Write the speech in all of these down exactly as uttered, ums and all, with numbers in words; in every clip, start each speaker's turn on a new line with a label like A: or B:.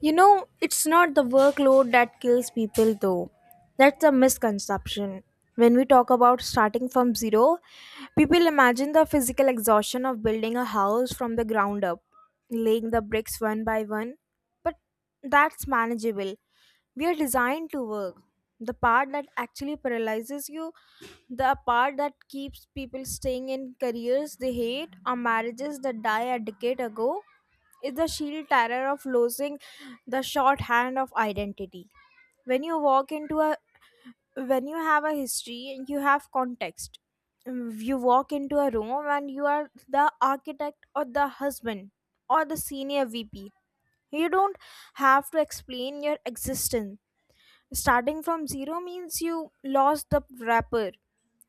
A: You know, it's not the workload that kills people, though. That's a misconception. When we talk about starting from zero, people imagine the physical exhaustion of building a house from the ground up, laying the bricks one by one. But that's manageable. We are designed to work. The part that actually paralyzes you, the part that keeps people staying in careers they hate or marriages that die a decade ago, is the sheer terror of losing the shorthand of identity. When you walk into a when you have a history and you have context. Mm, You walk into a room and you are the architect or the husband or the senior V P. You don't have to explain your existence. Starting from zero means you lost the wrapper.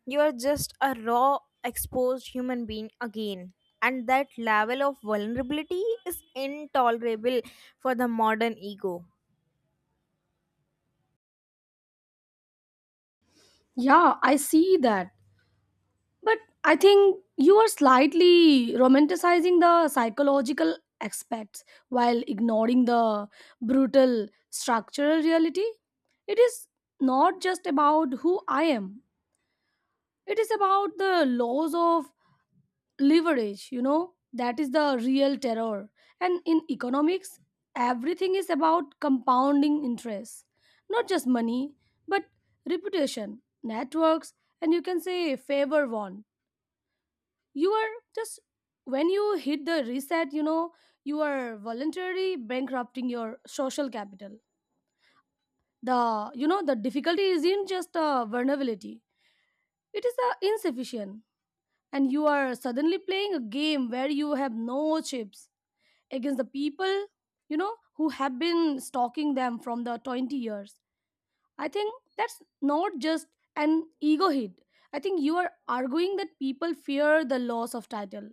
A: You are just a raw, exposed human being again. And that level of vulnerability is intolerable for the modern ego.
B: Yeah, I see that. But I think you are slightly romanticizing the psychological aspects while ignoring the brutal structural reality. It is not just about who I am, it is about the laws of leverage, you know, that is the real terror. And in economics, everything is about compounding interest, not just money but reputation networks, and you can say favor won. You are just, when you hit the reset, you know, you are voluntarily bankrupting your social capital. The you know The difficulty isn't just a vulnerability, it is a insufficient, and you are suddenly playing a game where you have no chips against the people, you know, who have been stalking them from the twenty years. I think that's not just an ego hit. I think you are arguing that people fear the loss of title.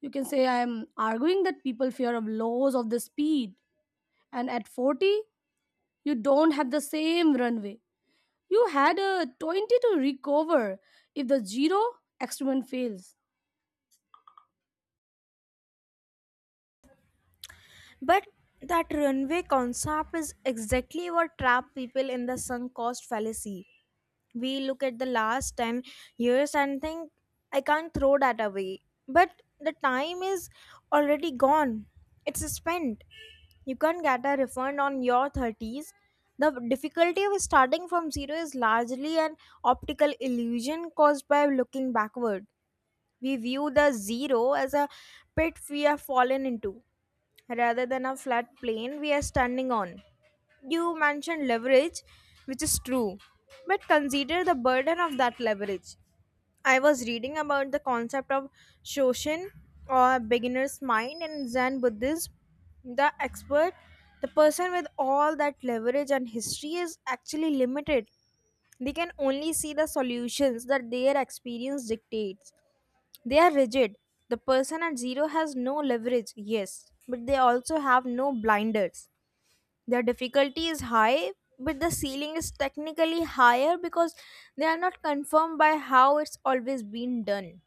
B: You can say I am arguing that people fear of loss of the speed. And at forty, you don't have the same runway. You had a twenty to recover if the zero experiment fails.
A: But that runway concept is exactly what trapped people in the sunk cost fallacy. We look at the last ten years and think I can't throw that away, but the time is already gone. It's spent. You can't get a refund on your thirties. The difficulty of starting from zero is largely an optical illusion caused by looking backward. We view the zero as a pit we have fallen into rather than a flat plane we are standing on. You mentioned leverage, which is true, but consider the burden of that leverage. I was reading about the concept of Shoshin, or beginner's mind, in Zen Buddhism. The expert, the person with all that leverage and history, is actually limited. They can only see the solutions that their experience dictates. They are rigid. The person at zero has no leverage, yes, but they also have no blinders. Their difficulty is high, but the ceiling is technically higher because they are not confirmed by how it's always been done.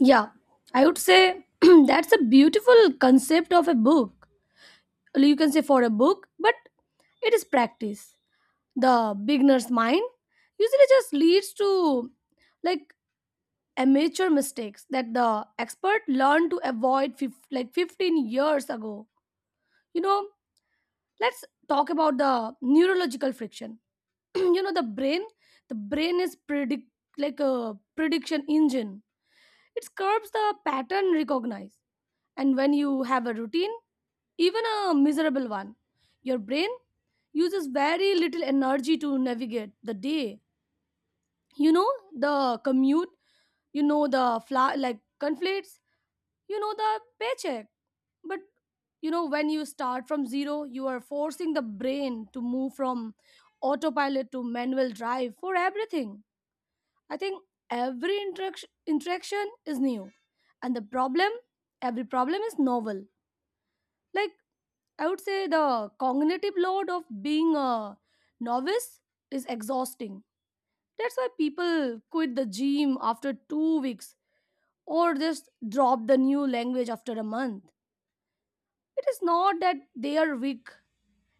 B: Yeah, I would say that's a beautiful concept of a book. You can say for a book, but it is practice. The beginner's mind usually just leads to, like amateur mistakes that the expert learned to avoid fif- like fifteen years ago, you know. Let's talk about the neurological friction. You know, the brain, the brain is predict like a prediction engine, it curbs the pattern recognize. And when you have a routine, even a miserable one, your brain uses very little energy to navigate the day. You know, the commute, you know the fla- like conflicts, you know the paycheck. But you know, when you start from zero, you are forcing the brain to move from autopilot to manual drive for everything. I think every interaction interaction is new, and the problem, every problem is novel. Like, I would say the cognitive load of being a novice is exhausting. That's why people quit the gym after two weeks or just drop the new language after a month. It is not that they are weak,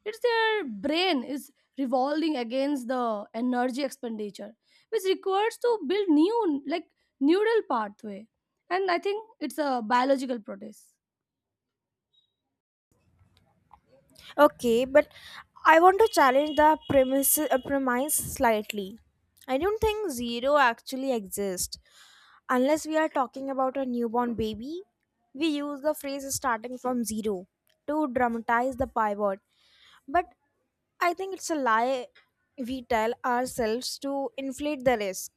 B: it's their brain is revolving against the energy expenditure, which requires to build new, like, neural pathway. And I think it's a biological protest.
A: Okay, but I want to challenge the premise, uh, premise slightly. I don't think zero actually exists. Unless we are talking about a newborn baby, we use the phrase starting from zero to dramatize the pivot. But I think it's a lie we tell ourselves to inflate the risk.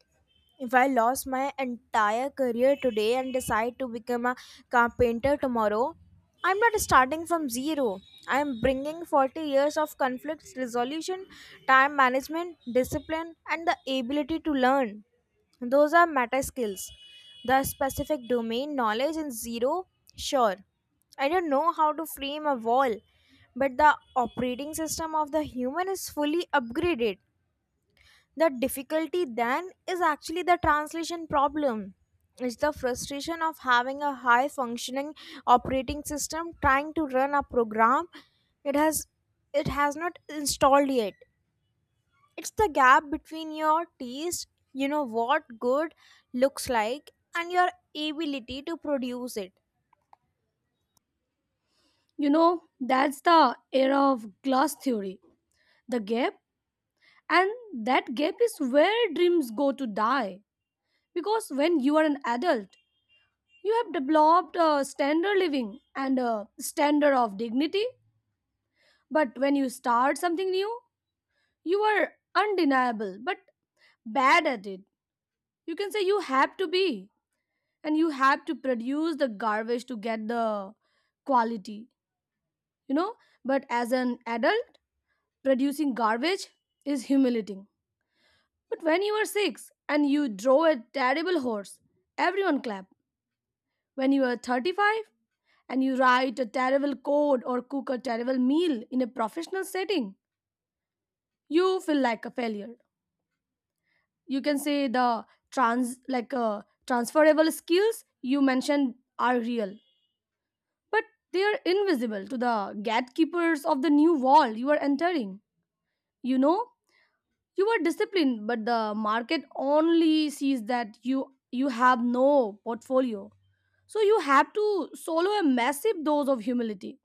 A: If I lost my entire career today and decide to become a carpenter tomorrow, I'm not starting from zero. I'm bringing forty years of conflict resolution, time management, discipline, and the ability to learn. Those are meta skills. The specific domain knowledge in zero, sure. I don't know how to frame a wall, but the operating system of the human is fully upgraded. The difficulty then is actually the translation problem. It's the frustration of having a high functioning operating system trying to run a program it has it has not installed yet. It's the gap between your taste, you know what good looks like, and your ability to produce it.
B: You know, that's the era of glass theory. The gap. And that gap is where dreams go to die. Because when you are an adult, you have developed a standard living and a standard of dignity. But when you start something new, you are undeniable, but bad at it. You can say you have to be, and you have to produce the garbage to get the quality, you know. But as an adult, producing garbage is humiliating. But when you were six and you drove a terrible horse, everyone clapped. When you were thirty-five and you write a terrible code or cook a terrible meal in a professional setting, you feel like a failure. You can say the trans like uh, transferable skills you mentioned are real, but they are invisible to the gatekeepers of the new world you are entering. You know, you are disciplined, but the market only sees that you you have no portfolio. So you have to solo a massive dose of humility.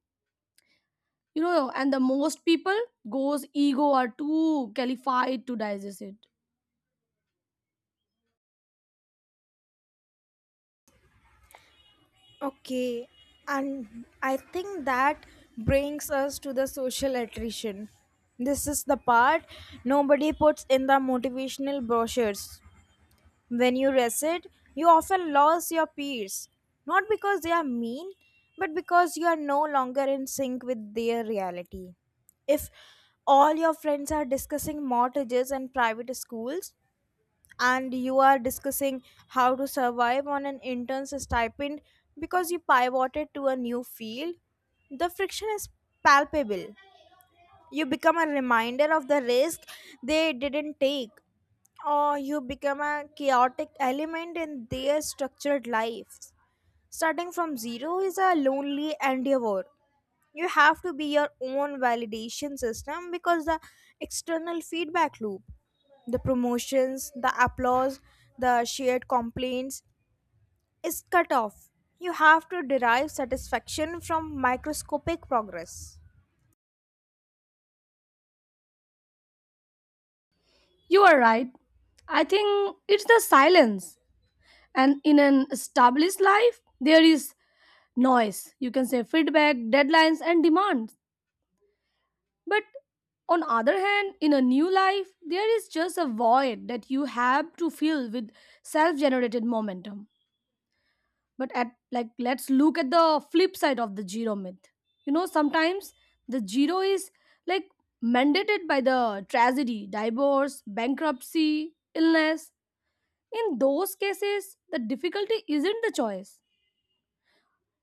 B: You know, and the most people goes ego are too qualified to digest it.
A: Okay, and I think that brings us to the social attrition. This is the part nobody puts in the motivational brochures. When you recite, you often lose your peers, not because they are mean, but because you are no longer in sync with their reality. If all your friends are discussing mortgages and private schools, and you are discussing how to survive on an intern's stipend because you pivoted to a new field, the friction is palpable. You become a reminder of the risk they didn't take, or you become a chaotic element in their structured lives. Starting from zero is a lonely endeavor. You have to be your own validation system because the external feedback loop, the promotions, the applause, the shared complaints, is cut off. You have to derive satisfaction from microscopic progress.
B: You are right. I think it's the silence. And in an established life, there is noise. You can say feedback, deadlines, and demands. But on other hand, in a new life, there is just a void that you have to fill with self-generated momentum. But at, like, let's look at the flip side of the zero myth. You know, sometimes the zero is, like, mandated by the tragedy, divorce, bankruptcy, illness. In those cases, the difficulty isn't the choice,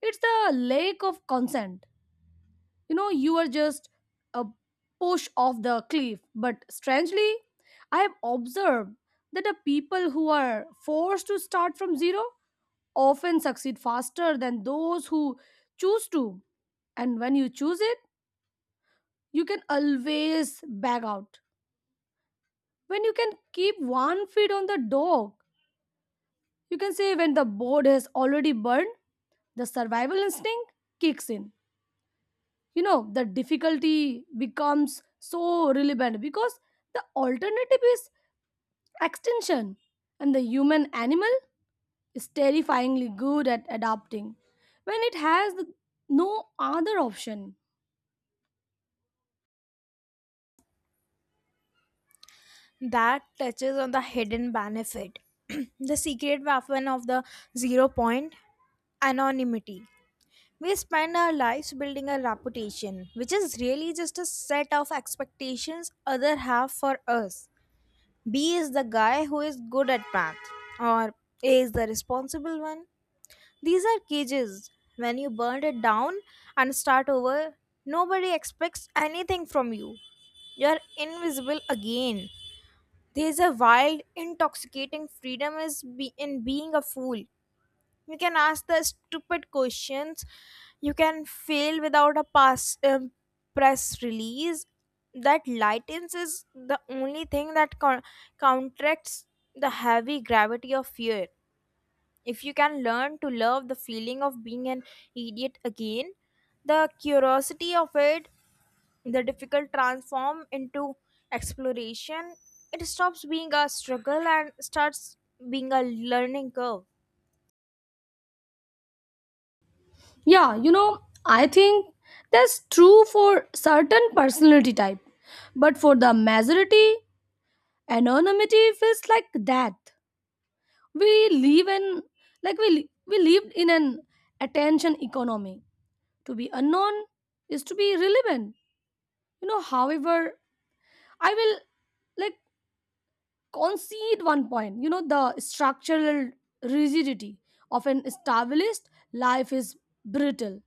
B: it's the lack of consent. You know, you are just a push off the cliff. But strangely, I have observed that the people who are forced to start from zero often succeed faster than those who choose to. And when you choose it, you can always back out. When you can keep one foot on the dog, you can say when the board has already burned, the survival instinct kicks in. You know, the difficulty becomes so relevant because the alternative is extinction, and the human animal is terrifyingly good at adapting when it has no other option.
A: That touches on the hidden benefit, the secret weapon of the zero point: anonymity. We spend our lives building a reputation, which is really just a set of expectations others have for us. B is the guy who is good at math, or A is the responsible one. These are cages. When you burn it down and start over, nobody expects anything from you. You're invisible again. There's a wild, intoxicating freedom is be- in being a fool. You can ask the stupid questions. You can fail without a pass um, press release. That lightness is the only thing that co- counteracts the heavy gravity of fear. If you can learn to love the feeling of being an idiot again, the curiosity of it, the difficult transform into exploration, it stops being a struggle and starts being a learning curve.
B: Yeah, you know, I think that's true for certain personality type. But for the majority, anonymity feels like death. We live in, like, we li- we lived in an attention economy. To be unknown is to be relevant. You know, however, I will, like, concede one point. You know, the structural rigidity of an established life is brittle.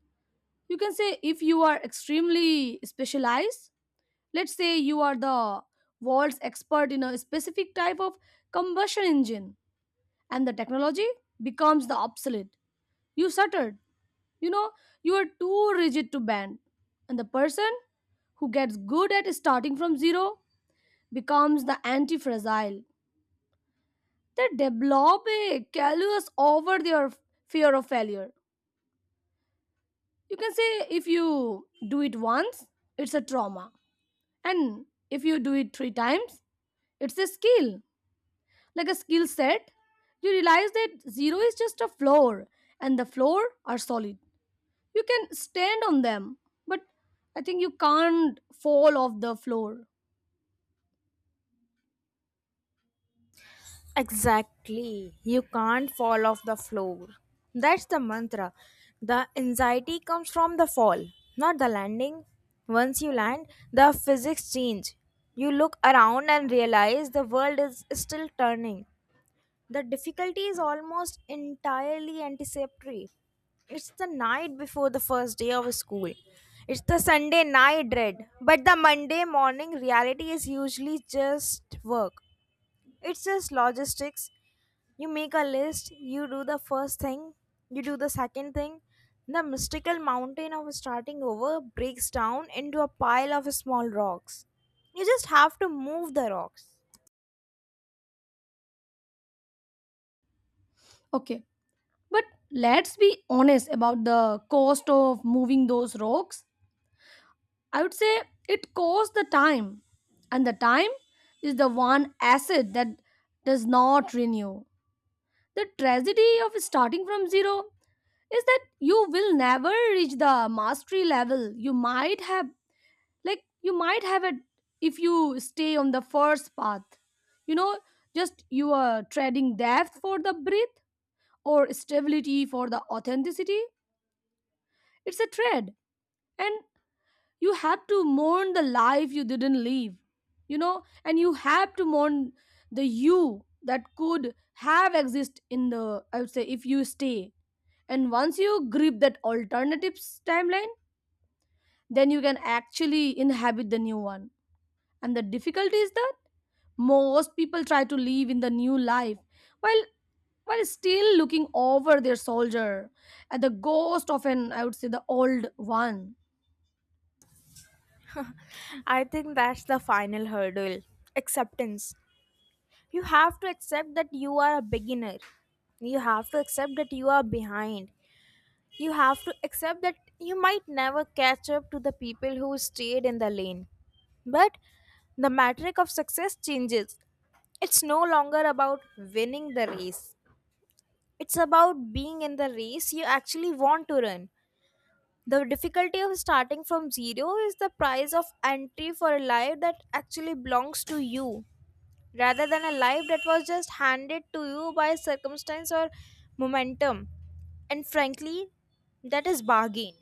B: You can say if you are extremely specialized, let's say you are the world's expert in a specific type of combustion engine, and the technology becomes the obsolete, you stuttered, you know, you are too rigid to bend. And the person who gets good at starting from zero becomes the anti-fragile. They develop a callus over their fear of failure. You can say if you do it once, it's a trauma. And if you do it three times, it's a skill. Like a skill set, you realize that zero is just a floor and the floor are solid. You can stand on them, but I think you can't fall off the floor.
A: Exactly. You can't fall off the floor. That's the mantra. The anxiety comes from the fall, not the landing. Once you land, the physics change. You look around and realize the world is still turning. The difficulty is almost entirely anticipatory. It's the night before the first day of school. It's the Sunday night dread. But the Monday morning reality is usually just work. It's just logistics. You make a list, you do the first thing, you do the second thing. The mystical mountain of starting over breaks down into a pile of small rocks. You just have to move the rocks.
B: Okay, but let's be honest about the cost of moving those rocks. I would say it costs the time, and the time is the one asset that does not renew. The tragedy of starting from zero is that you will never reach the mastery level you might have, like, you might have it if you stay on the first path. You know, just you are trading depth for the breadth or stability for the authenticity. It's a trade. And you have to mourn the life you didn't live. You know, and you have to mourn the you that could have exist in the, I would say, if you stay. And once you grip that alternative s- timeline, then you can actually inhabit the new one. And the difficulty is that most people try to live in the new life while while still looking over their shoulder at the ghost of, an I would say, the old one.
A: I think that's the final hurdle: acceptance. You have to accept that you are a beginner. You have to accept that you are behind. You have to accept that you might never catch up to the people who stayed in the lane. But the metric of success changes. It's no longer about winning the race, it's about being in the race you actually want to run. The difficulty of starting from zero is the price of entry for a life that actually belongs to you, rather than a life that was just handed to you by circumstance or momentum. And frankly, that is bargain.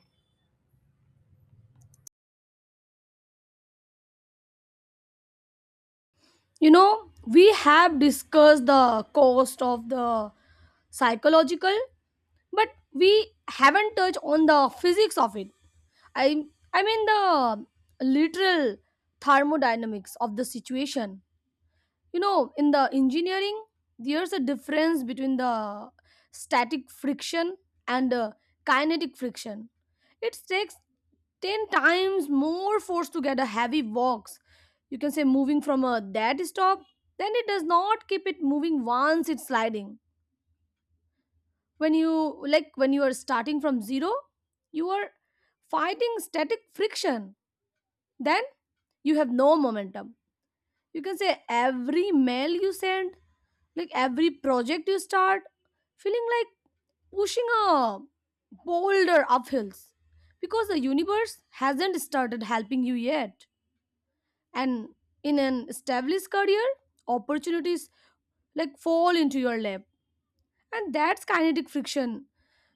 B: You know, we have discussed the cost of the psychological, but we haven't touched on the physics of it. I I mean the literal thermodynamics of the situation. You know, in the engineering, there's a difference between the static friction and uh, kinetic friction. It takes ten times more force to get a heavy box, you can say, moving from a dead stop then it does not keep it moving once it's sliding. When you, like, when you are starting from zero, you are fighting static friction. Then you have no momentum. You can say every mail you send, like every project you start, feeling like pushing a boulder up hills because the universe hasn't started helping you yet. And in an established career, opportunities like fall into your lap, and that's kinetic friction.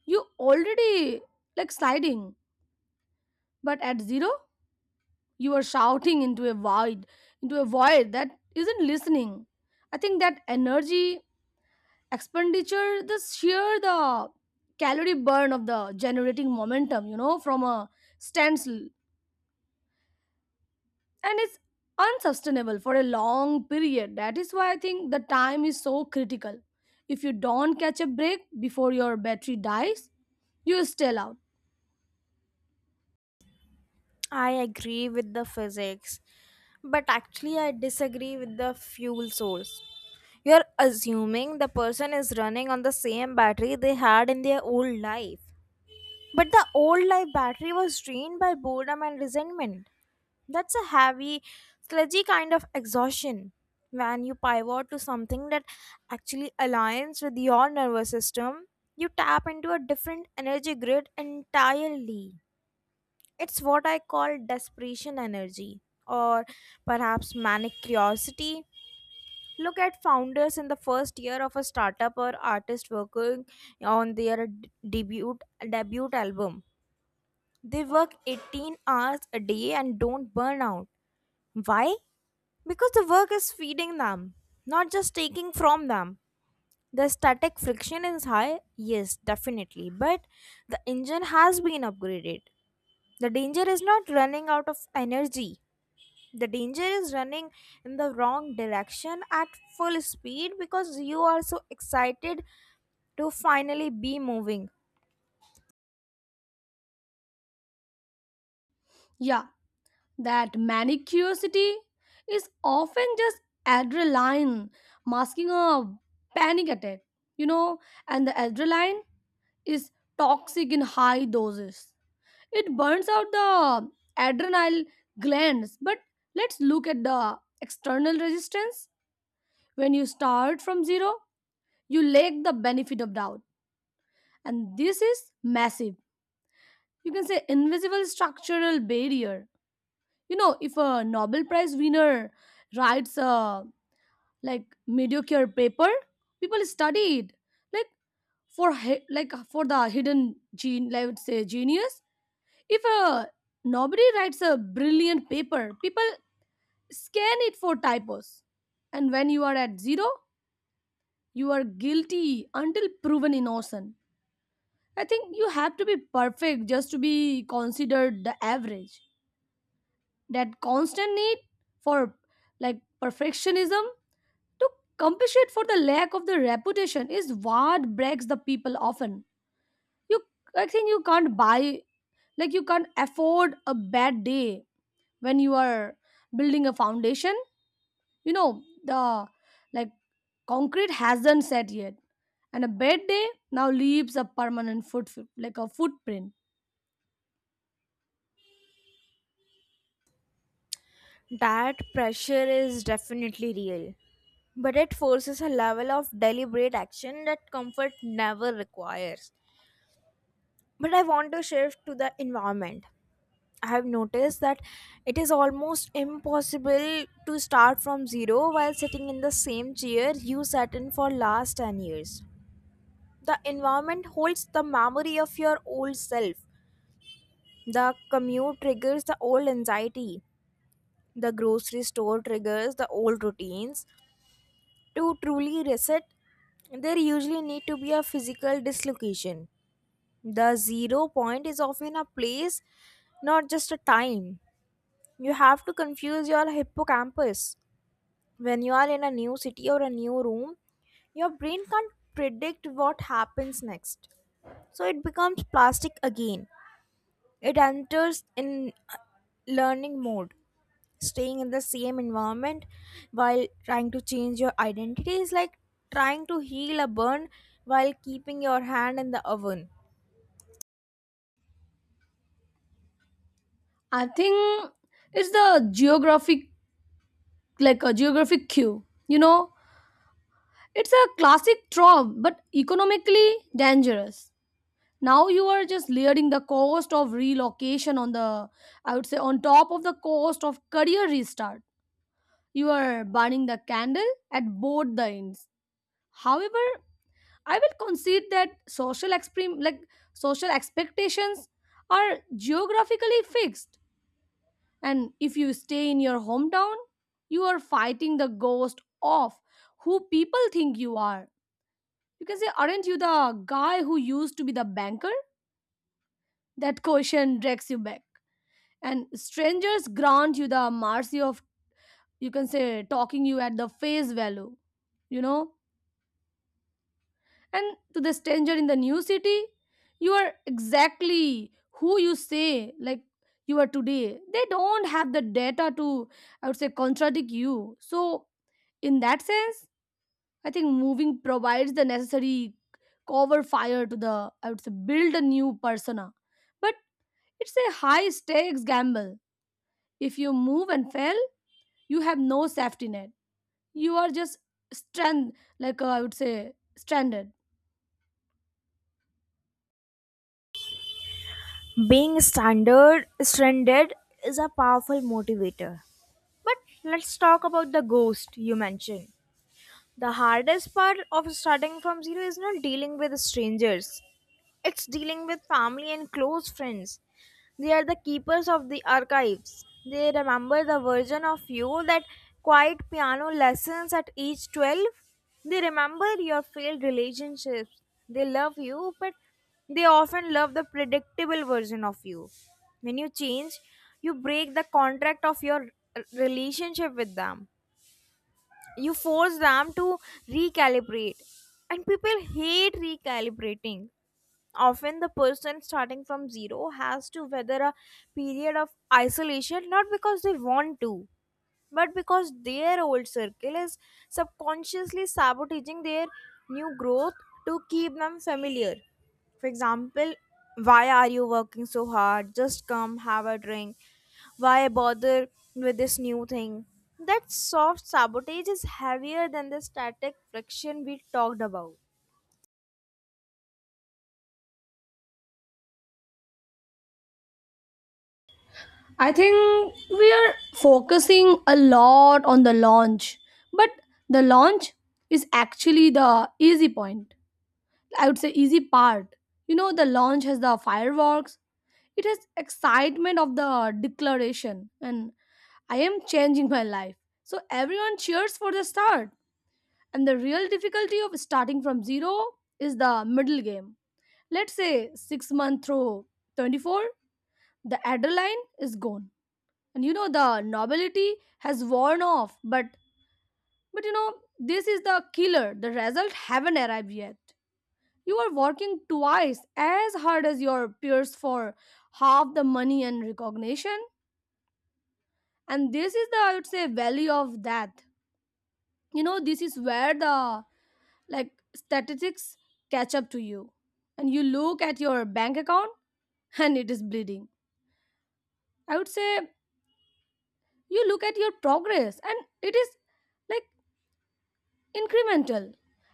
B: You already, like, sliding. But at zero, you are shouting into a void, into a void that isn't listening. I think that energy expenditure, the sheer, the calorie burn of the generating momentum, you know, from a standstill, and it's unsustainable for a long period. That is why I think the time is so critical. If you don't catch a break before your battery dies, you still out.
A: I agree with the physics, but actually, I disagree with the fuel source. You're assuming the person is running on the same battery they had in their old life. But the old life battery was drained by boredom and resentment. That's a heavy, sludgy kind of exhaustion. When you pivot to something that actually aligns with your nervous system, you tap into a different energy grid entirely. It's what I call desperation energy, or perhaps manic curiosity. Look at founders in the first year of a startup, or artist working on their d- debut debut album. They work eighteen hours a day and don't burn out. Why? Because the work is feeding them, not just taking from them. The static friction is high, yes, definitely, but the engine has been upgraded. The danger is not running out of energy. The danger is running in the wrong direction at full speed because you are so excited to finally be moving.
B: Yeah, that manic curiosity is often just adrenaline masking a panic attack. You know, and the adrenaline is toxic in high doses. It burns out the adrenal glands. But let's look at the external resistance. When you start from zero, you lack the benefit of doubt. And this is massive. You can say invisible structural barrier. You know, if a Nobel Prize winner writes a, like, mediocre paper, people study it. Like, for he- like for the hidden gene, I would say genius. If a nobody writes a brilliant paper, people scan it for typos. And when you are at zero, you are guilty until proven innocent. I think you have to be perfect just to be considered the average. That constant need for, like, perfectionism to compensate for the lack of the reputation is what breaks the people often. You I think you can't buy, like, you can't afford a bad day when you are building a foundation. You know, the like concrete hasn't set yet, and a bad day now leaves a permanent foot, like a footprint.
A: That pressure is definitely real, but it forces a level of deliberate action that comfort never requires. But I want to shift to the environment. I have noticed that it is almost impossible to start from zero while sitting in the same chair you sat in for last ten years. The environment holds the memory of your old self. The commute triggers the old anxiety. The grocery store triggers the old routines. To truly reset, there usually need to be a physical dislocation. The zero point is often a place, not just a time. You have to confuse your hippocampus. When you are in a new city or a new room, your brain can't predict what happens next. So it becomes plastic again. It enters in learning mode. Staying in the same environment while trying to change your identity is like trying to heal a burn while keeping your hand in the oven.
B: I think it's the geographic, like, a geographic cue. You know, it's a classic trope, but economically dangerous. Now you are just layering the cost of relocation on the, I would say, on top of the cost of career restart. You are burning the candle at both the ends. However, I will concede that social exprim like social expectations are geographically fixed. And if you stay in your hometown, you are fighting the ghost of who people think you are. You can say, "Aren't you the guy who used to be the banker?" That question drags you back. And strangers grant you the mercy of, you can say, talking you at the face value. You know? And to the stranger in the new city, you are exactly who you say, like, you are today. They don't have the data to, I would say, contradict you. So, in that sense, I think moving provides the necessary cover fire to, the, I would say, build a new persona. But it's a high stakes gamble. If you move and fail, you have no safety net. You are just strand, like uh, I would say, stranded.
A: Being standard stranded is a powerful motivator. But let's talk about the ghost you mentioned. The hardest part of starting from zero is not dealing with strangers. It's dealing with family and close friends. They are the keepers of the archives. They remember the version of you that quiet piano lessons at age twelve. They remember your failed relationships. They love you, but they often love the predictable version of you. When you change, you break the contract of your r- relationship with them. You force them to recalibrate, and people hate recalibrating. Often, the person starting from zero has to weather a period of isolation, not because they want to, but because their old circle is subconsciously sabotaging their new growth to keep them familiar. For example, why are you working so hard? Just come, have a drink. Why bother with this new thing? That soft sabotage is heavier than the static friction we talked about.
B: I think we are focusing a lot on the launch, but the launch is actually the easy point. I would say easy part. You know, the launch has the fireworks. It has excitement of the declaration, and I am changing my life. So everyone cheers for the start. And the real difficulty of starting from zero is the middle game. Let's say six month through twenty-four, the adrenaline is gone, and you know the novelty has worn off, but but you know this is the killer. The result haven't arrived yet. You are working twice as hard as your peers for half the money and recognition. And this is the, I would say, value of that. You know, this is where the, like, statistics catch up to you. And you look at your bank account and it is bleeding. I would say you look at your progress and it is, like, incremental.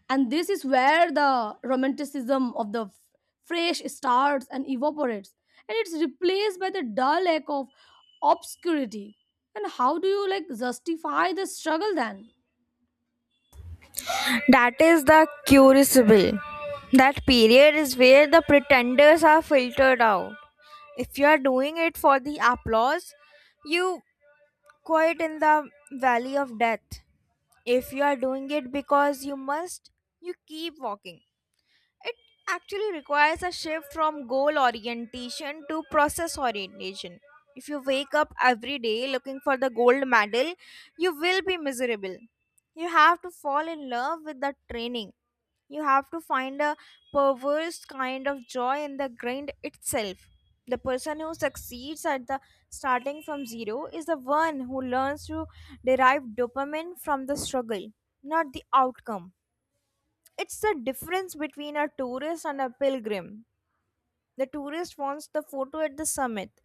B: And this is where the romanticism of the f- fresh starts and evaporates, and it's replaced by the dull ache of obscurity. And how do you, like, justify the struggle then?
A: That is the crucible. That period is where the pretenders are filtered out. If you are doing it for the applause, you quiet in the valley of death. If you are doing it because you must, you keep walking. It actually requires a shift from goal orientation to process orientation. If you wake up every day looking for the gold medal, you will be miserable. You have to fall in love with the training. You have to find a perverse kind of joy in the grind itself. The person who succeeds at the starting from zero is the one who learns to derive dopamine from the struggle, not the outcome. It's the difference between a tourist and a pilgrim. The tourist wants the photo at the summit.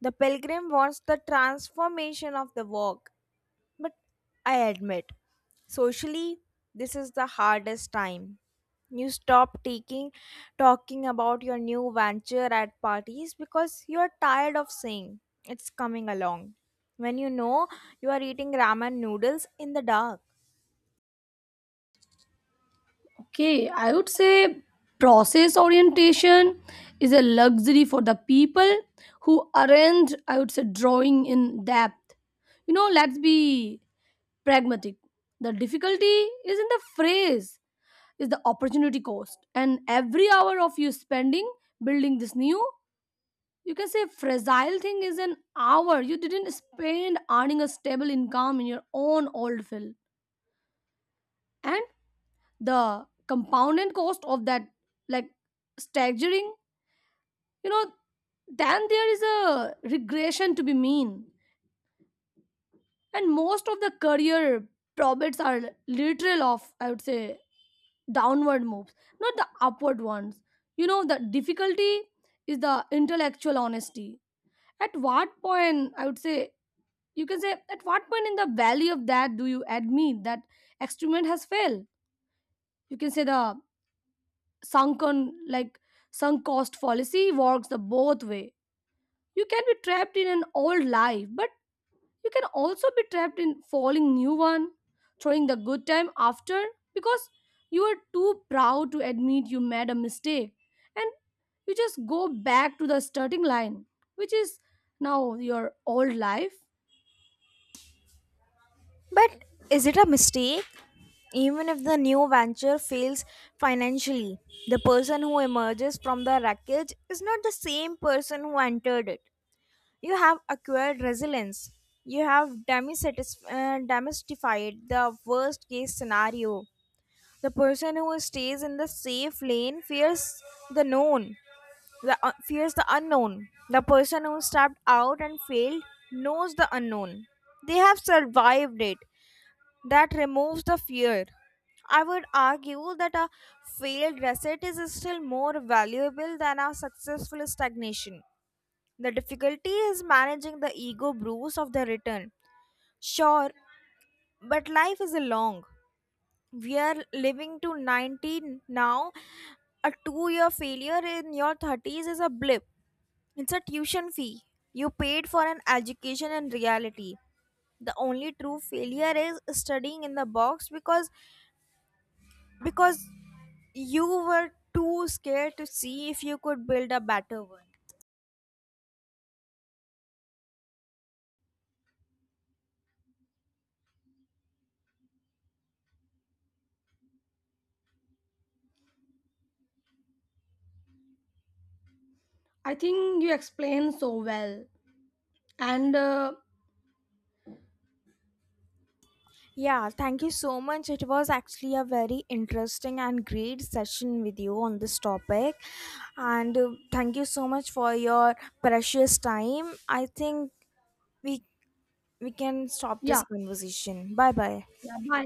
A: The pilgrim wants the transformation of the walk. But I admit, socially, this is the hardest time. You stop taking talking about your new venture at parties because you are tired of saying it's coming along, when you know you are eating ramen noodles in the dark.
B: Okay, I would say process orientation is a luxury for the people who aren't, I would say, drawing in depth. You know, let's be pragmatic. The difficulty is in the phrase, is the opportunity cost. And every hour of you spending building this new, you can say, fragile thing is an hour you didn't spend earning a stable income in your own old field. And the compounded cost of that, like, staggering. You know, then there is a regression to be mean, and most of the career profits are literal of, I would say, downward moves, not the upward ones. You know, the difficulty is the intellectual honesty. At what point, I would say, you can say, at what point in the value of that do you admit that experiment has failed? You can say the sunken, like, sunk cost policy works the both way. You can be trapped in an old life, but you can also be trapped in falling new one, throwing the good time after because you are too proud to admit you made a mistake. And you just go back to the starting line, which is now your old life.
A: But is it a mistake? Even if the new venture fails financially, the person who emerges from the wreckage is not the same person who entered it. You have acquired resilience. You have demisatisf- uh, demystified the worst case scenario. The person who stays in the safe lane fears the known, the, uh, fears the unknown. The person who stepped out and failed knows the unknown. They have survived it. That removes the fear. I would argue that a failed reset is still more valuable than a successful stagnation. The difficulty is managing the ego bruise of the return. Sure, but life is a long. We are living to nineteen now. A two year failure in your thirties is a blip. It's a tuition fee. You paid for an education in reality. The only true failure is studying in the box because because you were too scared to see if you could build a better one.
B: I think you explained so well. And uh,
A: Yeah, thank you so much. It was actually a very interesting and great session with you on this topic. And uh, thank you so much for your precious time. I think we we can stop this
B: yeah,
A: conversation. Bye-bye.
B: yeah, bye.